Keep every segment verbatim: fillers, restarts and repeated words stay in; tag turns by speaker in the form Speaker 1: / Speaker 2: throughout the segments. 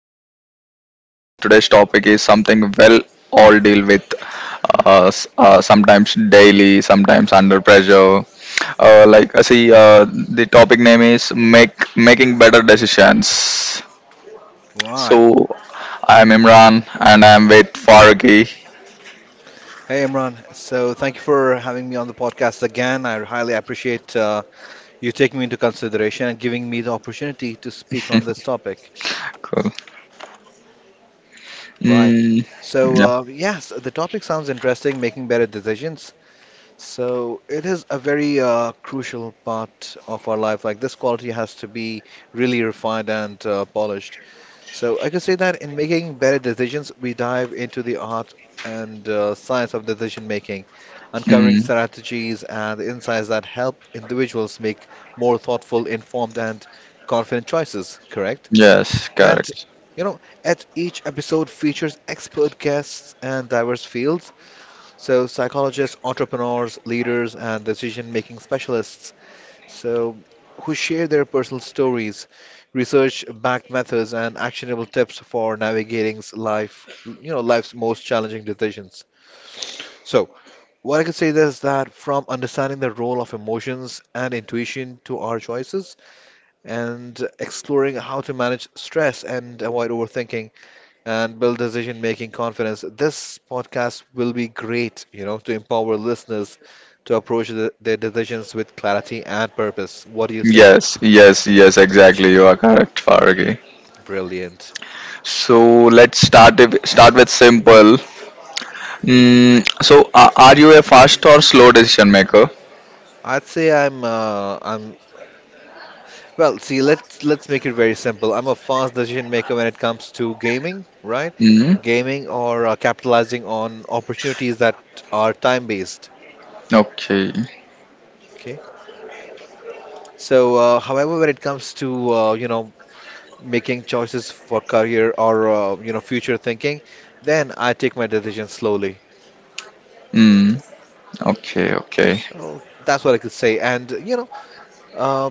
Speaker 1: Welcome back to podcast. Today's topic is something well all deal with uh, s- uh, sometimes daily, sometimes under pressure. Uh, like uh, see uh, The topic name is make making better decisions.
Speaker 2: Right.
Speaker 1: So I'm Imran and I'm with Faragi.
Speaker 2: Hey, Imran. So, thank you for having me on the podcast again. I highly appreciate uh, you taking me into consideration and giving me the opportunity to speak on this topic.
Speaker 1: Cool.
Speaker 2: Right.
Speaker 1: Mm,
Speaker 2: So,
Speaker 1: yeah.
Speaker 2: uh, yes, the topic sounds interesting, making better decisions. So, it is a very uh, crucial part of our life. Like, this quality has to be really refined and uh, polished. So I could say that in making better decisions, we dive into the art and uh, science of decision making, uncovering
Speaker 1: Mm,
Speaker 2: strategies and insights that help individuals make more thoughtful, informed, and confident choices, correct?
Speaker 1: yes,
Speaker 2: And
Speaker 1: correct.
Speaker 2: you know, at each episode features expert guests and diverse fields, so psychologists, entrepreneurs, leaders, and decision making specialists, so, who share their personal stories, research-backed methods, and actionable tips for navigating life, you know, life's most challenging decisions. So, what I could say is that from understanding the role of emotions and intuition to our choices, and exploring how to manage stress and avoid overthinking and build decision-making confidence, this podcast will be great, you know, to empower listeners to approach the, their decisions with clarity and purpose. What do you say?
Speaker 1: Yes, yes, yes, exactly. You are correct, Faragi.
Speaker 2: Brilliant.
Speaker 1: So let's start if, start with simple. Mm, so uh, are you a fast or slow decision maker?
Speaker 2: I'd say I'm uh, I'm well, see, let's let's make it very simple. I'm a fast decision maker when it comes to gaming, right?
Speaker 1: Mm,
Speaker 2: Gaming or uh, capitalizing on opportunities that are time based,
Speaker 1: okay.
Speaker 2: okay? So, uh, however, when it comes to uh, you know making choices for career or uh, you know future thinking, then I take my decisions slowly.
Speaker 1: Mm, okay. Okay.
Speaker 2: So that's what I could say. And you know, uh,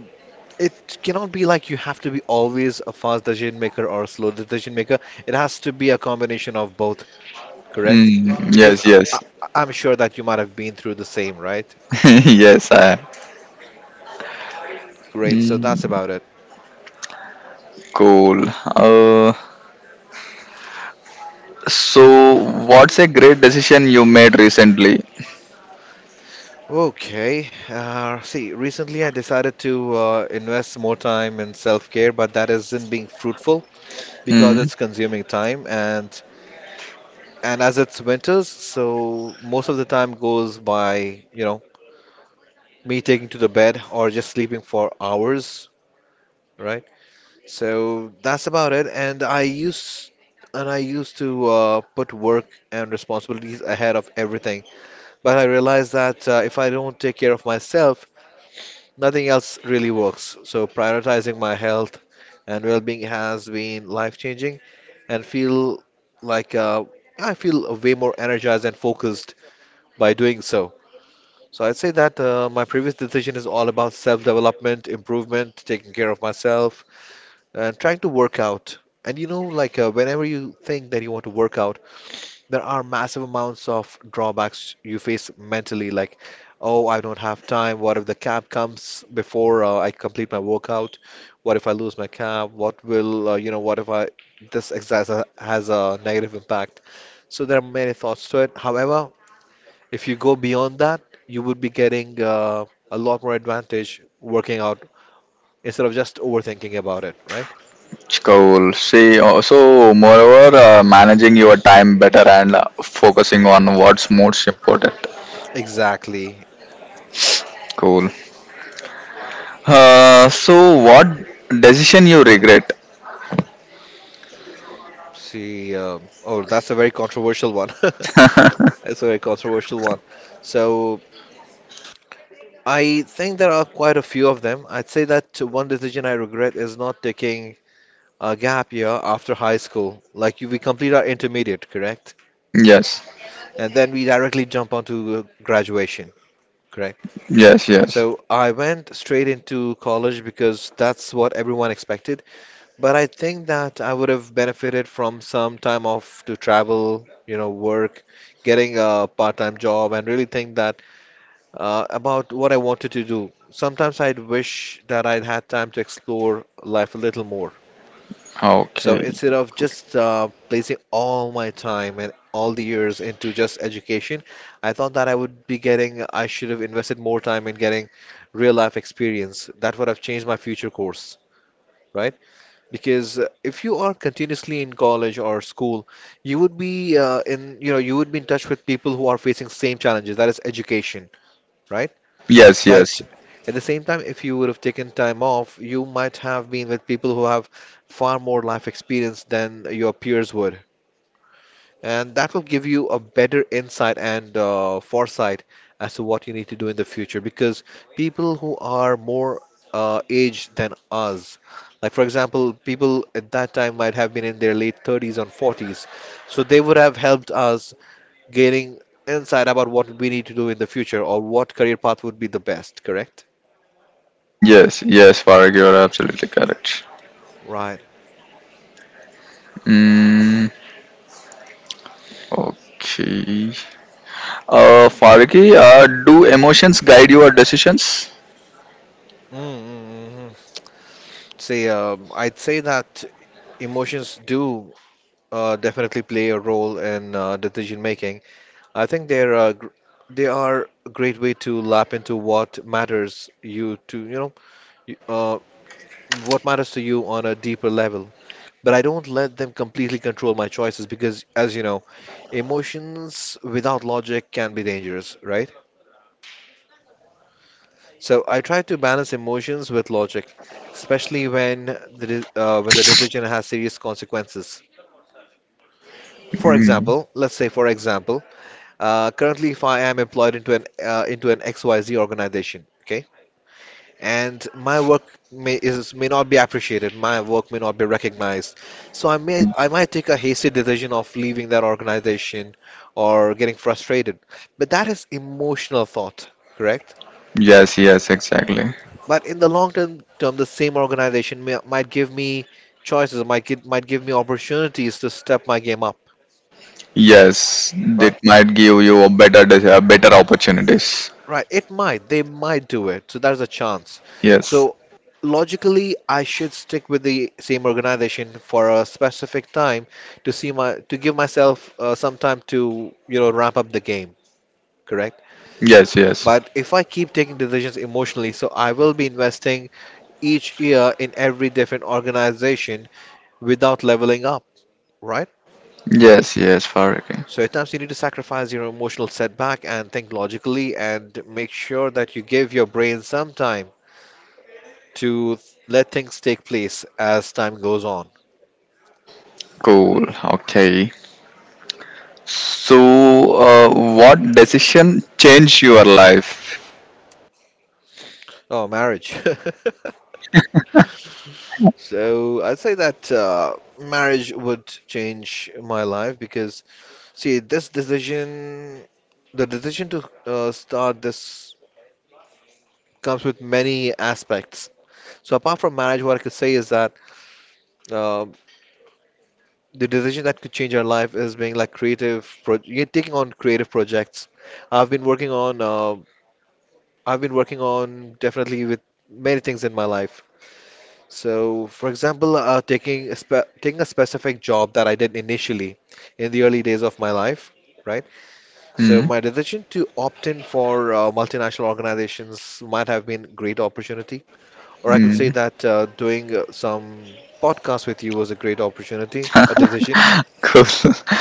Speaker 2: It cannot be like you have to be always a fast decision maker or a slow decision maker. It has to be a combination of both, correct?
Speaker 1: Mm,
Speaker 2: Because
Speaker 1: yes.
Speaker 2: I, I,
Speaker 1: Yes.
Speaker 2: I'm sure that you might have been through the same, right?
Speaker 1: yes. I.
Speaker 2: Great, so that's
Speaker 1: Mm,
Speaker 2: about it.
Speaker 1: cool. Uh, so what's a great decision you made recently?
Speaker 2: Okay, uh, see, recently I decided to uh, invest more time in self-care, but that isn't being fruitful because
Speaker 1: Mm,
Speaker 2: it's consuming time and and as it's winters, so most of the time goes by, you know, me taking to the bed or just sleeping for hours, right? So that's about it. And I used and I used to uh, put work and responsibilities ahead of everything. But I realized that uh, if I don't take care of myself, nothing else really works. So prioritizing my health and well-being has been life-changing, and feel like uh, I feel way more energized and focused by doing so. So I'd say that uh, my previous decision is all about self-development, improvement, taking care of myself and trying to work out. And you know, like uh, whenever you think that you want to work out, there are massive amounts of drawbacks you face mentally, like, oh, I don't have time. What if the cab comes before uh, I complete my workout? What if I lose my cab? What will, uh, you know, what if I this exercise ha- has a negative impact? So there are many thoughts to it. However, if you go beyond that, you would be getting uh, a lot more advantage working out instead of just overthinking about it, right?
Speaker 1: cool. See. uh, So moreover, uh, managing your time better and uh, focusing on what's most important.
Speaker 2: Exactly.
Speaker 1: Cool. Uh, so what decision you regret?
Speaker 2: See, um, oh, that's a very controversial one. It's a very controversial one. So I think there are quite a few of them. I'd say that one decision I regret is not taking a gap year after high school. Like we complete our intermediate, correct?
Speaker 1: Yes,
Speaker 2: And then we directly jump onto graduation, correct?
Speaker 1: yes, yes.
Speaker 2: So I went straight into college because that's what everyone expected. But I think that I would have benefited from some time off to travel, you know, work, getting a part-time job, and really think that uh, about what I wanted to do. Sometimes I'd wish that I'd had time to explore life a little more. So
Speaker 1: Okay.
Speaker 2: instead of just uh, placing all my time and all the years into just education, I thought that I would be getting, I should have invested more time in getting real life experience. That would have changed my future course, right? Because uh, if you are continuously in college or school, you would be uh, in, you know, you would be in touch with people who are facing same challenges, that is education, right?
Speaker 1: Yes, yes,
Speaker 2: But at the same time, if you would have taken time off, you might have been with people who have far more life experience than your peers would. And that will give you a better insight and uh, foresight as to what you need to do in the future. Because people who are more uh, aged than us, like for example, people at that time might have been in their late thirties and forties, so they would have helped us gaining insight about what we need to do in the future or what career path would be the best, correct?
Speaker 1: yes, yes. Farag, you are absolutely correct.
Speaker 2: Right.
Speaker 1: Mm, okay. Uh, Farag, uh, do emotions guide your decisions?
Speaker 2: Mm-hmm. See, um, I'd say that emotions do uh, definitely play a role in uh, decision making. I think they're a, gr- they are a great way to lap into what matters you to, you know, y- uh, what matters to you on a deeper level. But I don't let them completely control my choices because, as you know, emotions without logic can be dangerous, right? So I try to balance emotions with logic, especially when the de- uh, when the decision has serious consequences. For
Speaker 1: Mm,
Speaker 2: example, let's say, for example, uh, currently if I am employed into an uh, into an X Y Z organization, okay, and my work may is may not be appreciated. My work may not be recognized. So I may I might take a hasty decision of leaving that organization or getting frustrated. But that is emotional thought, correct?
Speaker 1: yes, yes, exactly.
Speaker 2: But in the long term, term the same organization may, might give me choices, might gi- might give me opportunities to step my game up,
Speaker 1: Yes,
Speaker 2: right?
Speaker 1: that might give you a better, dec- uh, better opportunities.
Speaker 2: Right, it might. They might do it. So there's a
Speaker 1: Y-
Speaker 2: chance.
Speaker 1: Yes,
Speaker 2: So logically, I should stick with the same organization for a specific time to see my to give myself uh, some time to, you know, ramp up the game, correct?
Speaker 1: yes, yes,
Speaker 2: But if I keep taking decisions emotionally, so I will be investing each year in every different organization without leveling up, right?
Speaker 1: yes, yes. Farag.
Speaker 2: So at times you need to sacrifice your emotional setback and think logically and make sure that you give your brain some time to let things take place as time goes on.
Speaker 1: Cool. Okay. So, uh, what decision changed your life?
Speaker 2: Oh, marriage. So I'd say that uh, marriage would change my life because, see, this decision, the decision to uh, start this comes with many aspects. So apart from marriage, what I could say is that uh, the decision that could change our life is being like creative, pro you taking on creative projects. I've been working on, uh, I've been working on definitely with many things in my life. So, for example, uh, taking a spe taking a specific job that I did initially in the early days of my life, right? So,
Speaker 1: Hmm.
Speaker 2: my decision to opt in for uh, multinational organizations might have been a great opportunity, or I could say
Speaker 1: Hmm.
Speaker 2: that uh, doing uh, some podcast with you was a great opportunity, a decision,
Speaker 1: Cool.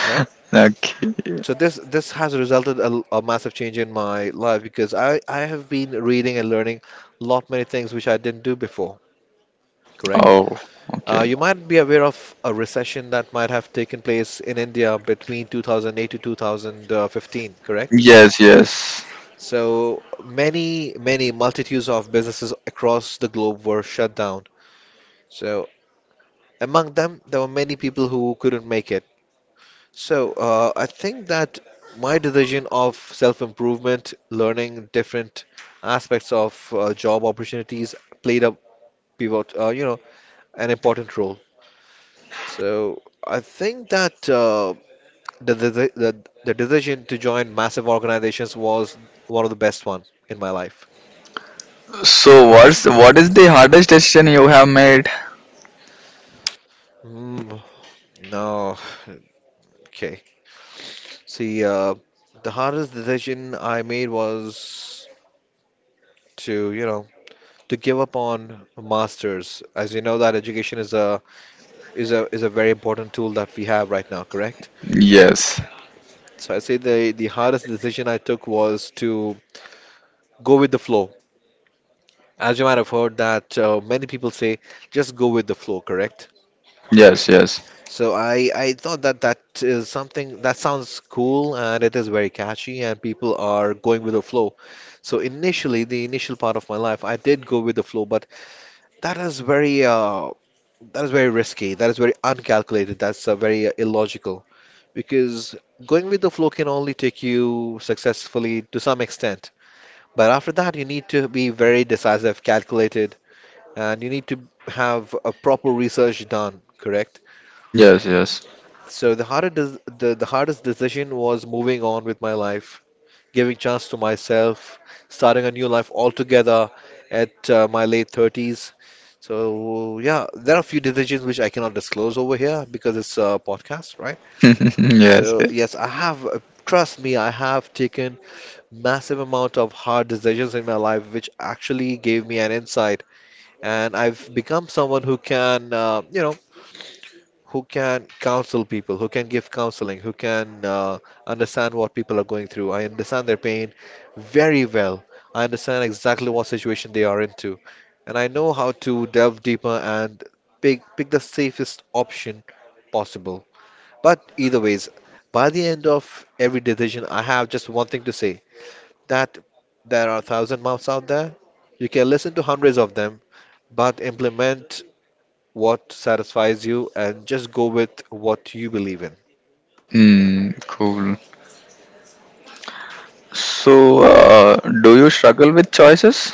Speaker 2: right?
Speaker 1: okay.
Speaker 2: So this this has resulted a, a massive change in my life because I I have been reading and learning a lot many things which I didn't do before, correct?
Speaker 1: Oh.
Speaker 2: Uh,
Speaker 1: Okay.
Speaker 2: you might be aware of a recession that might have taken place in India between two thousand eight to two thousand fifteen, correct?
Speaker 1: Yes. Yes.
Speaker 2: So many, many multitudes of businesses across the globe were shut down. So among them, there were many people who couldn't make it. So uh, I think that my decision of self-improvement, learning different aspects of uh, job opportunities played a pivot, uh, you know, an important role. So I think that uh, The, the, the, the the decision to join massive organizations was one of the best ones in my life.
Speaker 1: So, what's what is the hardest decision you have made?
Speaker 2: Mm, no, okay. See, uh, the hardest decision I made was to, you know, to give up on a masters. As you know, that education is a is a is a very important tool that we have right now, correct?
Speaker 1: Yes.
Speaker 2: So I say the the hardest decision I took was to go with the flow. As you might have heard that uh, many people say, just go with the flow, correct?
Speaker 1: Yes. Yes.
Speaker 2: So I I thought that that is something that sounds cool and it is very catchy and people are going with the flow. So initially, the initial part of my life, I did go with the flow, but that is very uh, that is very risky. That is very uncalculated. That's uh, very uh, illogical because going with the flow can only take you successfully to some extent. But after that, you need to be very decisive, calculated, and you need to have a proper research done, correct?
Speaker 1: Yes. Yes.
Speaker 2: So the hardest des- the, the hardest decision was moving on with my life, giving chance to myself, starting a new life altogether at uh, my late thirties. So yeah, there are a few decisions which I cannot disclose over here because it's a podcast, right?
Speaker 1: yes.
Speaker 2: So
Speaker 1: yes.
Speaker 2: yes, I have, uh, trust me, I have taken massive amount of hard decisions in my life, which actually gave me an insight, and I've become someone who can, uh, you know, who can counsel people, who can give counseling, who can uh, understand what people are going through. I understand their pain very well. I understand exactly what situation they are into, and I know how to delve deeper and pick pick the safest option possible. But either ways, by the end of every decision, I have just one thing to say: that there are a thousand mouths out there. You can listen to hundreds of them, but implement what satisfies you and just go with what you believe in.
Speaker 1: Hmm. Cool. So, uh, do you struggle with choices?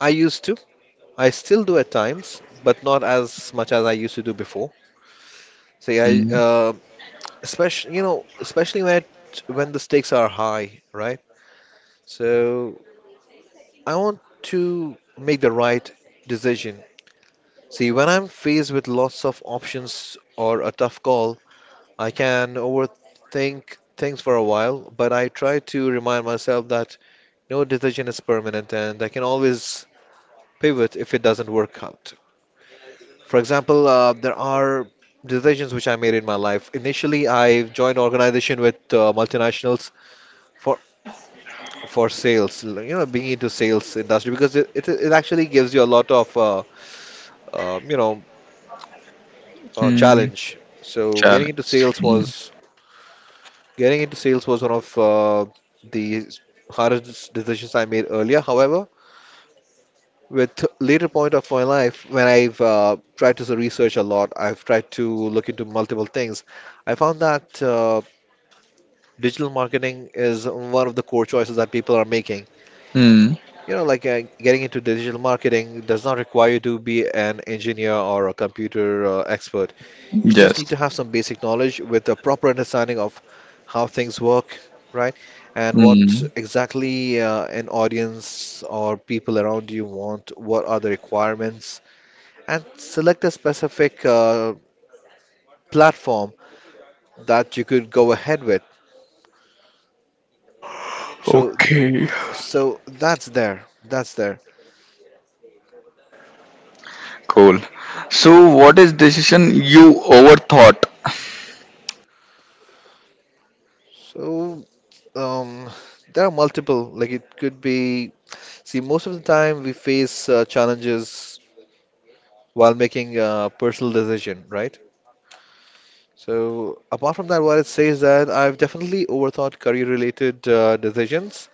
Speaker 2: I used to. I still do at times, but not as much as I used to do before. So yeah,
Speaker 1: Hmm.
Speaker 2: uh, especially you know, especially when it, when the stakes are high, right? So I want to make the right decision. See, when I'm faced with lots of options or a tough call, I can overthink things for a while, but I try to remind myself that no decision is permanent and I can always pivot if it doesn't work out. For example, uh, there are decisions which I made in my life. Initially, I joined organization with uh, multinationals for for sales. l- You know, being into sales industry because it it, it actually gives you a lot of uh, uh, you know uh,
Speaker 1: Hmm.
Speaker 2: challenge. So getting
Speaker 1: Challenge.
Speaker 2: into sales
Speaker 1: Hmm.
Speaker 2: was getting into sales was one of uh, the hardest decisions I made earlier. However, with later point of my life when I've uh, tried to research a lot, I've tried to look into multiple things. I found that uh, digital marketing is one of the core choices that people are making.
Speaker 1: Hmm.
Speaker 2: You know, like uh, getting into digital marketing does not require you to be an engineer or a computer uh, expert. You just
Speaker 1: Yes.
Speaker 2: need to have some basic knowledge with a proper understanding of how things work, right? And what
Speaker 1: Hmm.
Speaker 2: exactly uh, an audience or people around you want, what are the requirements and select a specific uh, platform that you could go ahead with. So,
Speaker 1: Okay.
Speaker 2: so that's there. That's there.
Speaker 1: Cool. So, what is decision you overthought?
Speaker 2: So, um, there are multiple. Like it could be. See, most of the time we face uh, challenges while making a personal decision, right? So, apart from that, what it says that I've definitely overthought career-related uh, decisions.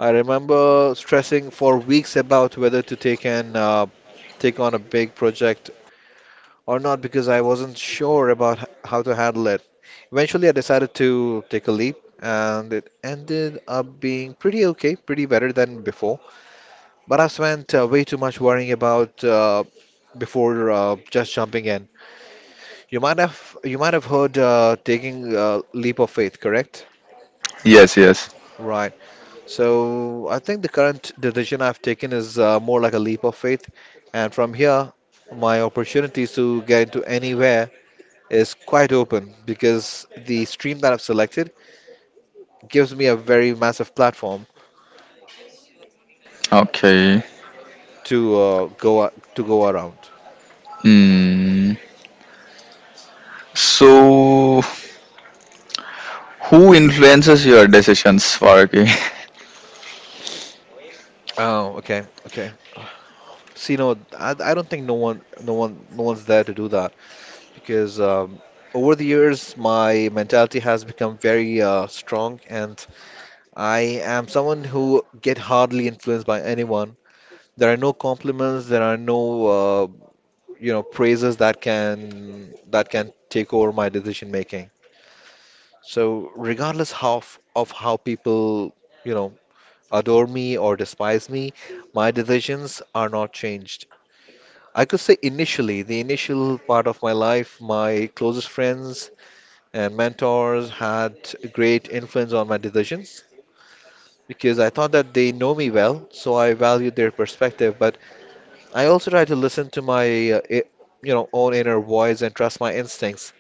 Speaker 2: I remember stressing for weeks about whether to take an uh, take on a big project or not because I wasn't sure about h- how to handle it. Eventually, I decided to take a leap, and it ended up being pretty okay, pretty better than before. But I spent uh, way too much worrying about uh, before uh, just jumping in. You might have you might have heard uh, taking a leap of faith, correct?
Speaker 1: Yes, yes.
Speaker 2: Right. So I think the current decision I've taken is uh, more like a leap of faith, and from here, my opportunities to get into anywhere is quite open because the stream that I've selected gives me a very massive platform
Speaker 1: Okay.
Speaker 2: to uh, go to go around.
Speaker 1: Hmm. So, who influences your decisions, Faraki?
Speaker 2: Oh, okay, okay. See, no, I, I don't think no one, no one, no one's there to do that because um, over the years my mentality has become very uh, strong, and I am someone who get hardly influenced by anyone. There are no compliments, there are no uh, you know praises that can that can take over my decision making. So regardless how f- of how people, you know, adore me or despise me, my decisions are not changed. I could say initially, the initial part of my life, my closest friends and mentors had a great influence on my decisions because I thought that they know me well, so I valued their perspective. But I also try to listen to my, uh, i- you know, own inner voice and trust my instincts.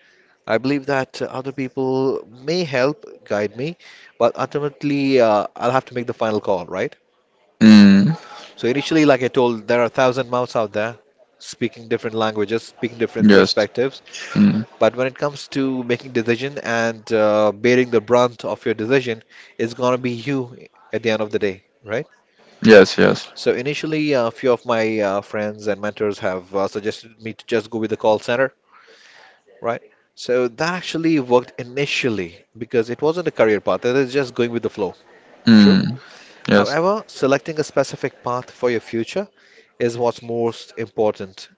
Speaker 2: I believe that uh, other people may help guide me, but ultimately uh, I'll have to make the final call, right?
Speaker 1: Hmm.
Speaker 2: So initially, like I told, there are a thousand mouths out there speaking different languages, speaking different
Speaker 1: Yes.
Speaker 2: perspectives.
Speaker 1: Hmm.
Speaker 2: But when it comes to making decision and uh, bearing the brunt of your decision, it's gonna be you at the end of the day, right?
Speaker 1: Yes, yes.
Speaker 2: So initially, a few of my uh, friends and mentors have uh, suggested me to just go with the call center right? So that actually worked initially because it wasn't a career path, it is just going with the flow. True.
Speaker 1: Hmm. Yes.
Speaker 2: However, selecting a specific path for your future is what's most important.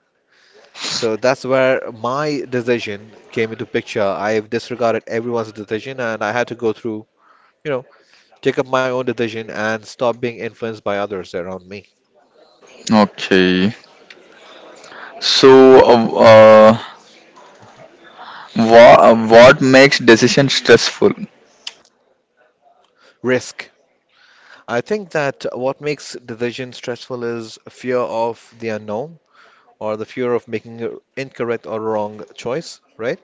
Speaker 2: So that's where my decision came into picture. I've disregarded everyone's decision and I had to go through, you know, take up my own decision and stop being influenced by others around me.
Speaker 1: Okay. So, uh, uh, wha- what makes decision stressful?
Speaker 2: Risk. I think that what makes decision stressful is fear of the unknown or the fear of making an incorrect or wrong choice, right?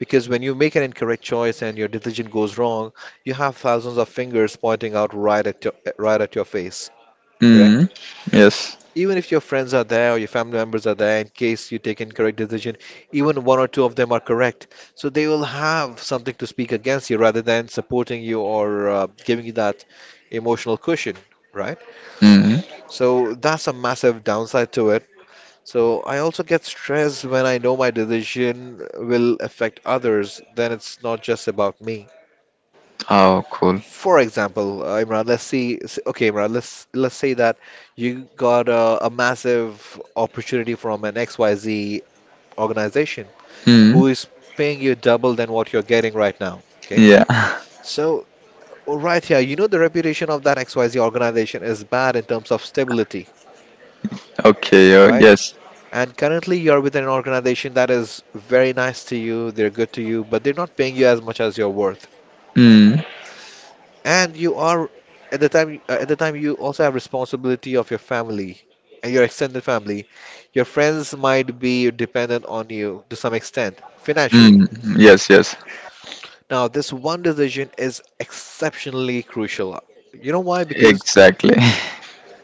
Speaker 2: Because when you make an incorrect choice and your decision goes wrong, you have thousands of fingers pointing out right at your right at your face,
Speaker 1: Hmm.
Speaker 2: correct?
Speaker 1: Yes.
Speaker 2: Even if your friends are there or your family members are there, in case you take incorrect decision, even one or two of them are correct, so they will have something to speak against you rather than supporting you or uh, giving you that emotional cushion, right?
Speaker 1: Hmm.
Speaker 2: So that's a massive downside to it so I also get stressed when I know my decision will affect others, then it's not just about me.
Speaker 1: Oh, cool.
Speaker 2: For example, uh, Imran, let's see, s- okay, Imran, let's let's say that you got a, a massive opportunity from an X Y Z organization
Speaker 1: Hmm.
Speaker 2: who is paying you double than what you're getting right now, okay?
Speaker 1: Yeah.
Speaker 2: So right here, you know the reputation of that X Y Z organization is bad in terms of stability,
Speaker 1: Okay. Uh,
Speaker 2: right?
Speaker 1: yes.
Speaker 2: And currently, you're with an organization that is very nice to you, they're good to you, but they're not paying you as much as you're worth.
Speaker 1: Hmm.
Speaker 2: And you are at the time uh, at the time you also have responsibility of your family and your extended family. Your friends might be dependent on you to some extent financially.
Speaker 1: Mm, yes, yes.
Speaker 2: Now, this one decision is exceptionally crucial. You know why? Because
Speaker 1: Exactly.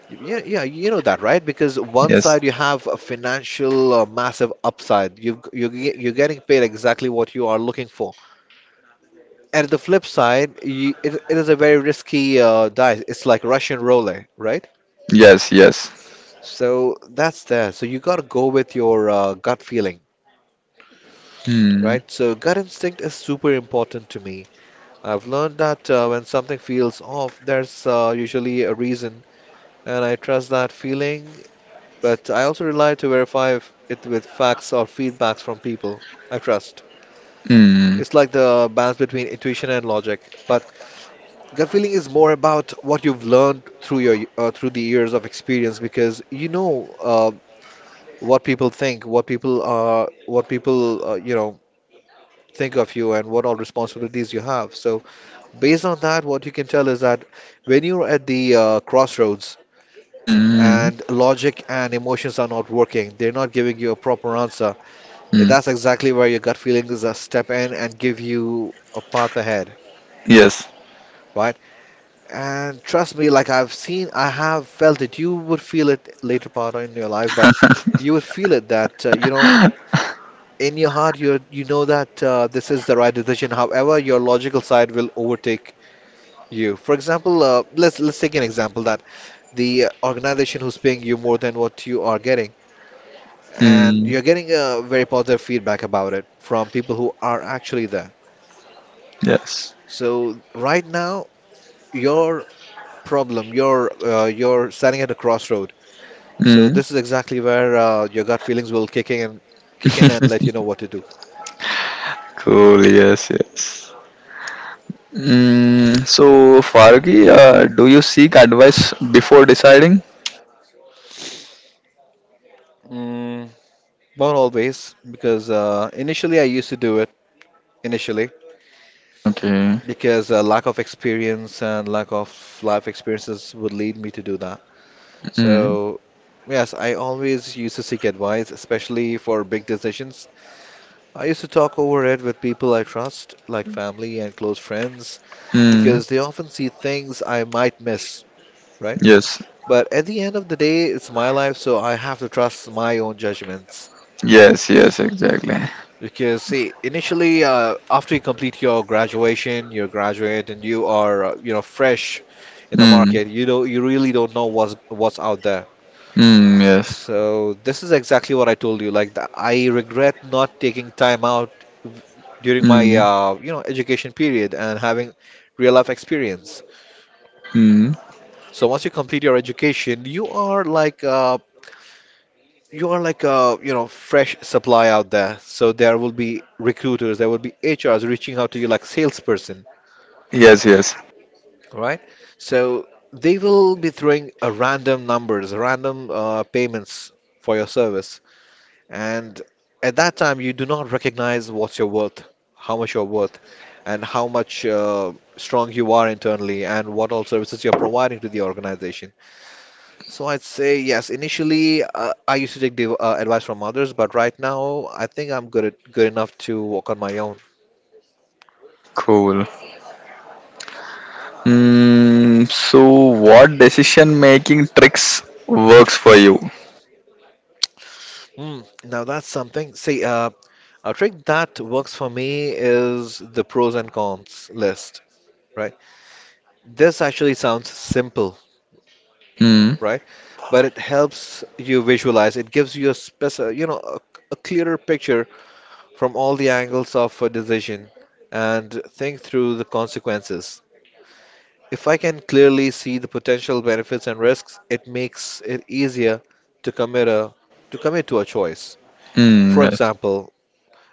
Speaker 2: yeah, yeah, you know that, right? Because one
Speaker 1: Yes.
Speaker 2: side you have a financial uh, massive upside. You you ge- you're getting paid exactly what you are looking for. And the flip side, you, it, it is a very risky uh, dice. It's like Russian roulette, right?
Speaker 1: Yes. Yes.
Speaker 2: So that's there. So you got to go with your uh, gut feeling,
Speaker 1: Hmm.
Speaker 2: right? So gut instinct is super important to me. I've learned that uh, when something feels off, there's uh, usually a reason, and I trust that feeling but I also rely to verify if it with facts or feedbacks from people I trust.
Speaker 1: Hmm.
Speaker 2: It's like the balance between intuition and logic, but gut feeling is more about what you've learned through your uh, through the years of experience because you know uh, what people think, what people uh, what people uh, you know think of you, and what all responsibilities you have. So based on that, what you can tell is that when you're at the uh, crossroads
Speaker 1: Hmm.
Speaker 2: and logic and emotions are not working, they're not giving you a proper answer.
Speaker 1: Hmm.
Speaker 2: That's exactly where your gut feelings uh, step in and give you a path ahead,
Speaker 1: Yes.
Speaker 2: right? And trust me, like I've seen, I have felt it. You would feel it later part in your life, but you would feel it that uh, you know in your heart you you know that uh, this is the right decision. However, your logical side will overtake you. For example, uh, let's let's take an example that the organization who's paying you more than what you are getting, and
Speaker 1: Hmm.
Speaker 2: you're getting a very positive feedback about it from people who are actually there.
Speaker 1: Yes.
Speaker 2: So right now, your problem, you're uh, you're standing at a crossroad. So
Speaker 1: Hmm.
Speaker 2: this is exactly where uh, your gut feelings will kick in and kick in and let you know what to do.
Speaker 1: Cool. Yes. Yes. Mm. So, Fargi, uh, do you seek advice before deciding?
Speaker 2: Mm, not always, because uh, initially I used to do it initially
Speaker 1: Okay.
Speaker 2: because uh, lack of experience and lack of life experiences would lead me to do that.
Speaker 1: Mm.
Speaker 2: So yes, I always used to seek advice, especially for big decisions. I used to talk over it with people I trust, like family and close friends
Speaker 1: Mm.
Speaker 2: because they often see things I might miss, right?
Speaker 1: Yes.
Speaker 2: But at the end of the day, it's my life, so I have to trust my own judgments.
Speaker 1: Yes. Yes. Exactly.
Speaker 2: Because, see, initially, uh, after you complete your graduation, you're graduate, and you are, uh, you know, fresh in the
Speaker 1: Mm.
Speaker 2: market, you don't, you really don't know what's what's out there.
Speaker 1: Mm. Yes.
Speaker 2: So this is exactly what I told you. Like, the, I regret not taking time out during my,
Speaker 1: Mm.
Speaker 2: uh, you know, education period and having real life experience.
Speaker 1: Mm.
Speaker 2: So once you complete your education, you are like uh, you are like a you know fresh supply out there. So there will be recruiters, there will be H Rs reaching out to you like salesperson,
Speaker 1: Yes. Yes.
Speaker 2: right? So they will be throwing a random numbers, random uh, payments for your service, and at that time you do not recognize what's your worth, how much you're worth, and how much uh, strong you are internally, and what all services you're providing to the organization. So I'd say yes. Initially, uh, I used to take the uh, advice from others, but right now, I think I'm good at, good enough to walk on my own.
Speaker 1: Cool. Mm, so, what decision making tricks works for you?
Speaker 2: Hmm. Now that's something. See, uh, a trick that works for me is the pros and cons list, right? This actually sounds simple,
Speaker 1: Mm,
Speaker 2: right? But it helps you visualize. It gives you a speci you know, a, a clearer picture from all the angles of a decision and think through the consequences. If I can clearly see the potential benefits and risks, it makes it easier to commit a to commit to a choice. For
Speaker 1: mm, yes.
Speaker 2: example,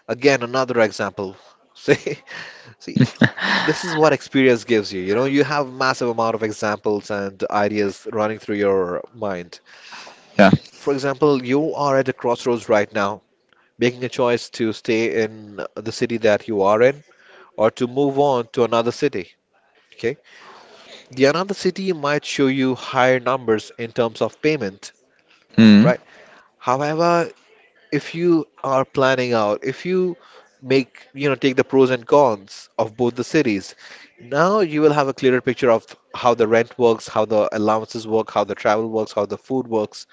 Speaker 2: again another example. See, see, this is what experience gives you. You know, you have massive amount of examples and ideas running through your mind.
Speaker 1: Yeah.
Speaker 2: For example, you are at a crossroads right now, making a choice to stay in the city that you are in or to move on to another city. Okay. The another city might show you higher numbers in terms of payment,
Speaker 1: Mm,
Speaker 2: right? However, if you are planning out, if you make, you know, take the pros and cons of both the cities, now you will have a clearer picture of how the rent works, how the allowances work, how the travel works, how the food works,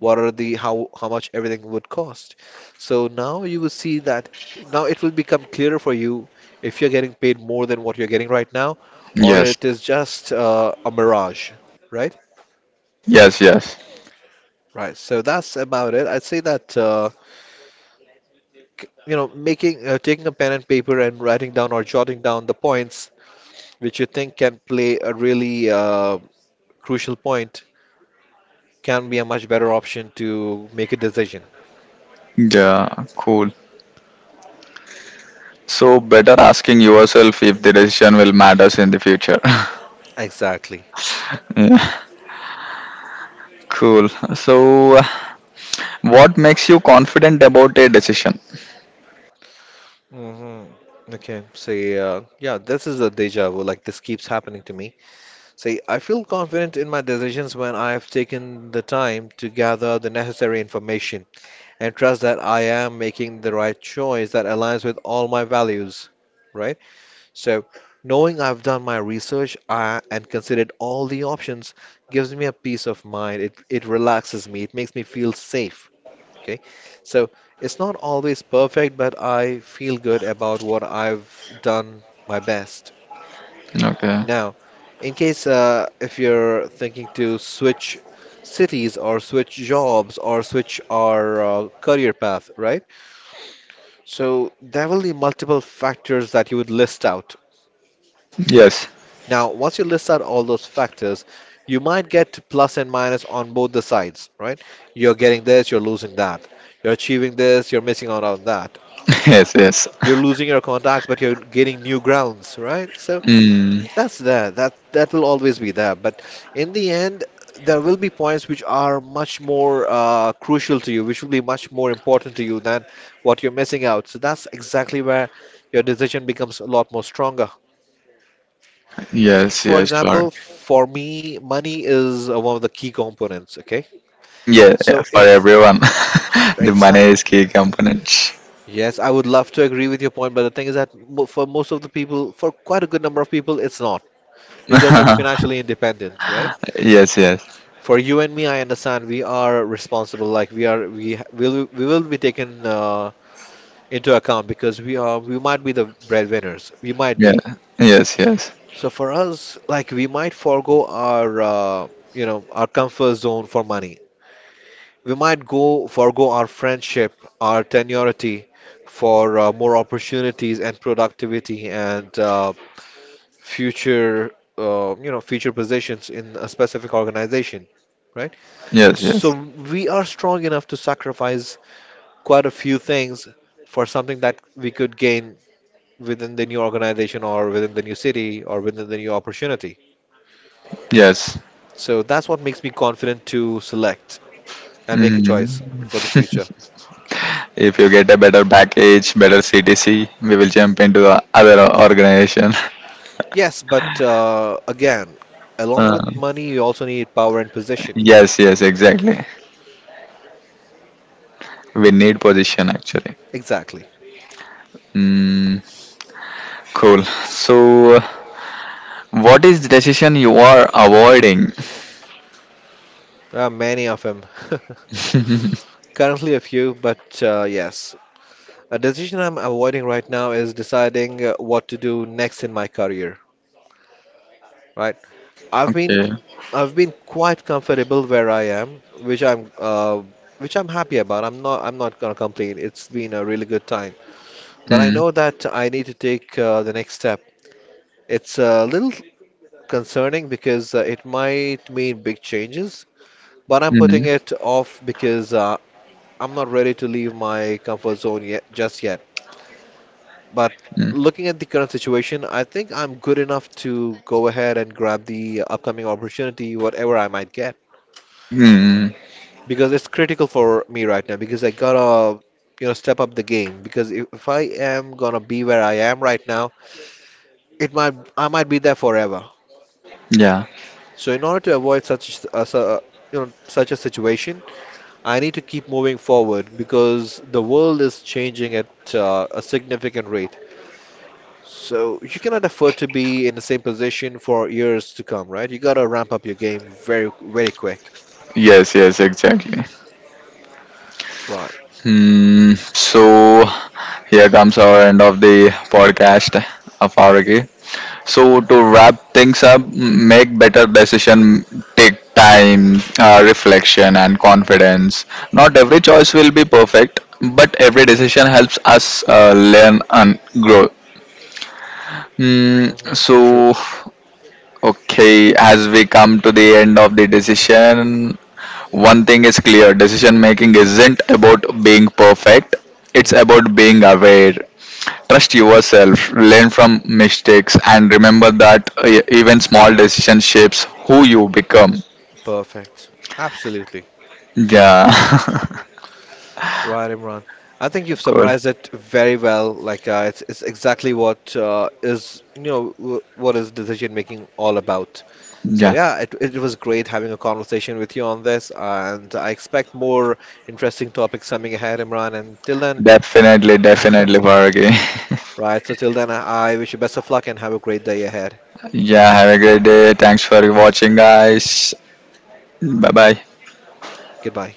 Speaker 2: what are the how how much everything would cost. So now you will see that now it will become clearer for you if you're getting paid more than what you're getting right now, or
Speaker 1: yes.
Speaker 2: it is just uh, a mirage, right?
Speaker 1: Yes. Yes.
Speaker 2: Right. So that's about it. I'd say that. Uh, you know making uh, taking a pen and paper and writing down or jotting down the points which you think can play a really uh, crucial point can be a much better option to make a decision
Speaker 1: Yeah. Cool. So, better asking yourself if the decision will matters in the future.
Speaker 2: exactly.
Speaker 1: yeah. Cool. So, uh, what makes you confident about a decision?
Speaker 2: Hmm. Okay, so yeah, yeah, this is a deja vu. Like this keeps happening to me. See, I feel confident in my decisions when I have taken the time to gather the necessary information and trust that I am making the right choice that aligns with all my values, right? So, knowing I've done my research uh, and considered all the options gives me a peace of mind. It, it relaxes me, it makes me feel safe. Okay, so it's not always perfect, but I feel good about what I've done my best.
Speaker 1: Okay.
Speaker 2: Now, in case uh, if you're thinking to switch cities or switch jobs or switch our uh, career path, right? So, there will be multiple factors that you would list out.
Speaker 1: Yes.
Speaker 2: Now, once you list out all those factors, you might get plus and minus on both the sides, right? You're getting this, you're losing that. You're achieving this, you're missing out on that.
Speaker 1: Yes. Yes.
Speaker 2: You're losing your contacts, but you're gaining new grounds, right? So
Speaker 1: Mm,
Speaker 2: that's there. That that will always be there. But in the end, there will be points which are much more uh, crucial to you, which will be much more important to you than what you're missing out. So that's exactly where your decision becomes a lot more stronger.
Speaker 1: yes.
Speaker 2: For
Speaker 1: Yes. Sure.
Speaker 2: example, for me, money is uh, one of the key components, okay?
Speaker 1: Yeah, yeah,
Speaker 2: So
Speaker 1: for
Speaker 2: if
Speaker 1: everyone. the money
Speaker 2: exactly,
Speaker 1: is key component.
Speaker 2: yes, I would love to agree with your point, but the thing is that mo- for most of the people, for quite a good number of people, it's not because they're financially independent, right?
Speaker 1: Yes, yes.
Speaker 2: For you and me, I understand we are responsible, like we are, we ha- will, we will be taken uh, into account because we are, we might be the breadwinners, we might
Speaker 1: Yeah.
Speaker 2: be.
Speaker 1: Yes. Yes.
Speaker 2: So for us, like we might forego our, uh, you know, our comfort zone for money. We might go forego our friendship, our tenuity, for uh, more opportunities and productivity and uh, future, uh, you know, future positions in a specific organization, right?
Speaker 1: Yes.
Speaker 2: So
Speaker 1: Yes.
Speaker 2: we are strong enough to sacrifice quite a few things for something that we could gain within the new organization or within the new city or within the new opportunity.
Speaker 1: Yes.
Speaker 2: So that's what makes me confident to select and make a choice for the future.
Speaker 1: If you get a better package, better C T C, we will jump into the other organization.
Speaker 2: Yes, but uh, again, along with
Speaker 1: Uh,
Speaker 2: money, you also need power and position.
Speaker 1: yes. Yes. Exactly. We need position actually.
Speaker 2: Exactly.
Speaker 1: Cool. So, uh, what is the decision you are avoiding?
Speaker 2: There are many of them. Currently, a few, but uh, yes. A decision I'm avoiding right now is deciding uh, what to do next in my career, right? I've been
Speaker 1: Okay.
Speaker 2: I've been quite comfortable where I am, which I'm uh, which I'm happy about. I'm not I'm not gonna complain. It's been a really good time, but I
Speaker 1: Mm.
Speaker 2: know that I need to take uh, the next step. It's a little concerning because uh, it might mean big changes, but I'm putting
Speaker 1: Mm.
Speaker 2: it off because uh, I'm not ready to leave my comfort zone yet, just yet. But
Speaker 1: Mm.
Speaker 2: looking at the current situation, I think I'm good enough to go ahead and grab the upcoming opportunity, whatever I might get,
Speaker 1: Mm.
Speaker 2: because it's critical for me right now because I gotta, you know, step up the game because if, if I am gonna be where I am right now, it might I might be there forever.
Speaker 1: Yeah.
Speaker 2: So in order to avoid such uh, su- you know such a situation, I need to keep moving forward because the world is changing at uh, a significant rate. So you cannot afford to be in the same position for years to come, right? You gotta ramp up your game very, very quick.
Speaker 1: Yes. Yes. Exactly.
Speaker 2: Right.
Speaker 1: Hmm. So, here comes our end of the podcast of Auragi. So to wrap things up, m- make better decision, take time, uh, reflection, and confidence. Not every choice will be perfect, but every decision helps us uh, learn and grow. Mm,
Speaker 2: True.
Speaker 1: so, okay, as we come to the end of the decision, one thing is clear: decision making isn't about being perfect. It's
Speaker 2: Mm,
Speaker 1: about being aware. Trust yourself, learn from mistakes, and remember that uh, even small decisions shapes who you become.
Speaker 2: perfect. Absolutely.
Speaker 1: Yeah,
Speaker 2: Right, Imran. I think you've
Speaker 1: cool.
Speaker 2: summarized it very well. Like uh, it's it's exactly what uh, is you know w what is decision making all about. So
Speaker 1: Yeah,
Speaker 2: yeah, it it was great having a conversation with you on this, and I expect more interesting topics coming ahead, Imran. And till then,
Speaker 1: definitely, definitely, Faragi.
Speaker 2: right? So till then, I I wish you best of luck and have a great day ahead.
Speaker 1: Yeah, have a great day. Thanks for watching, guys. Bye bye.
Speaker 2: Goodbye.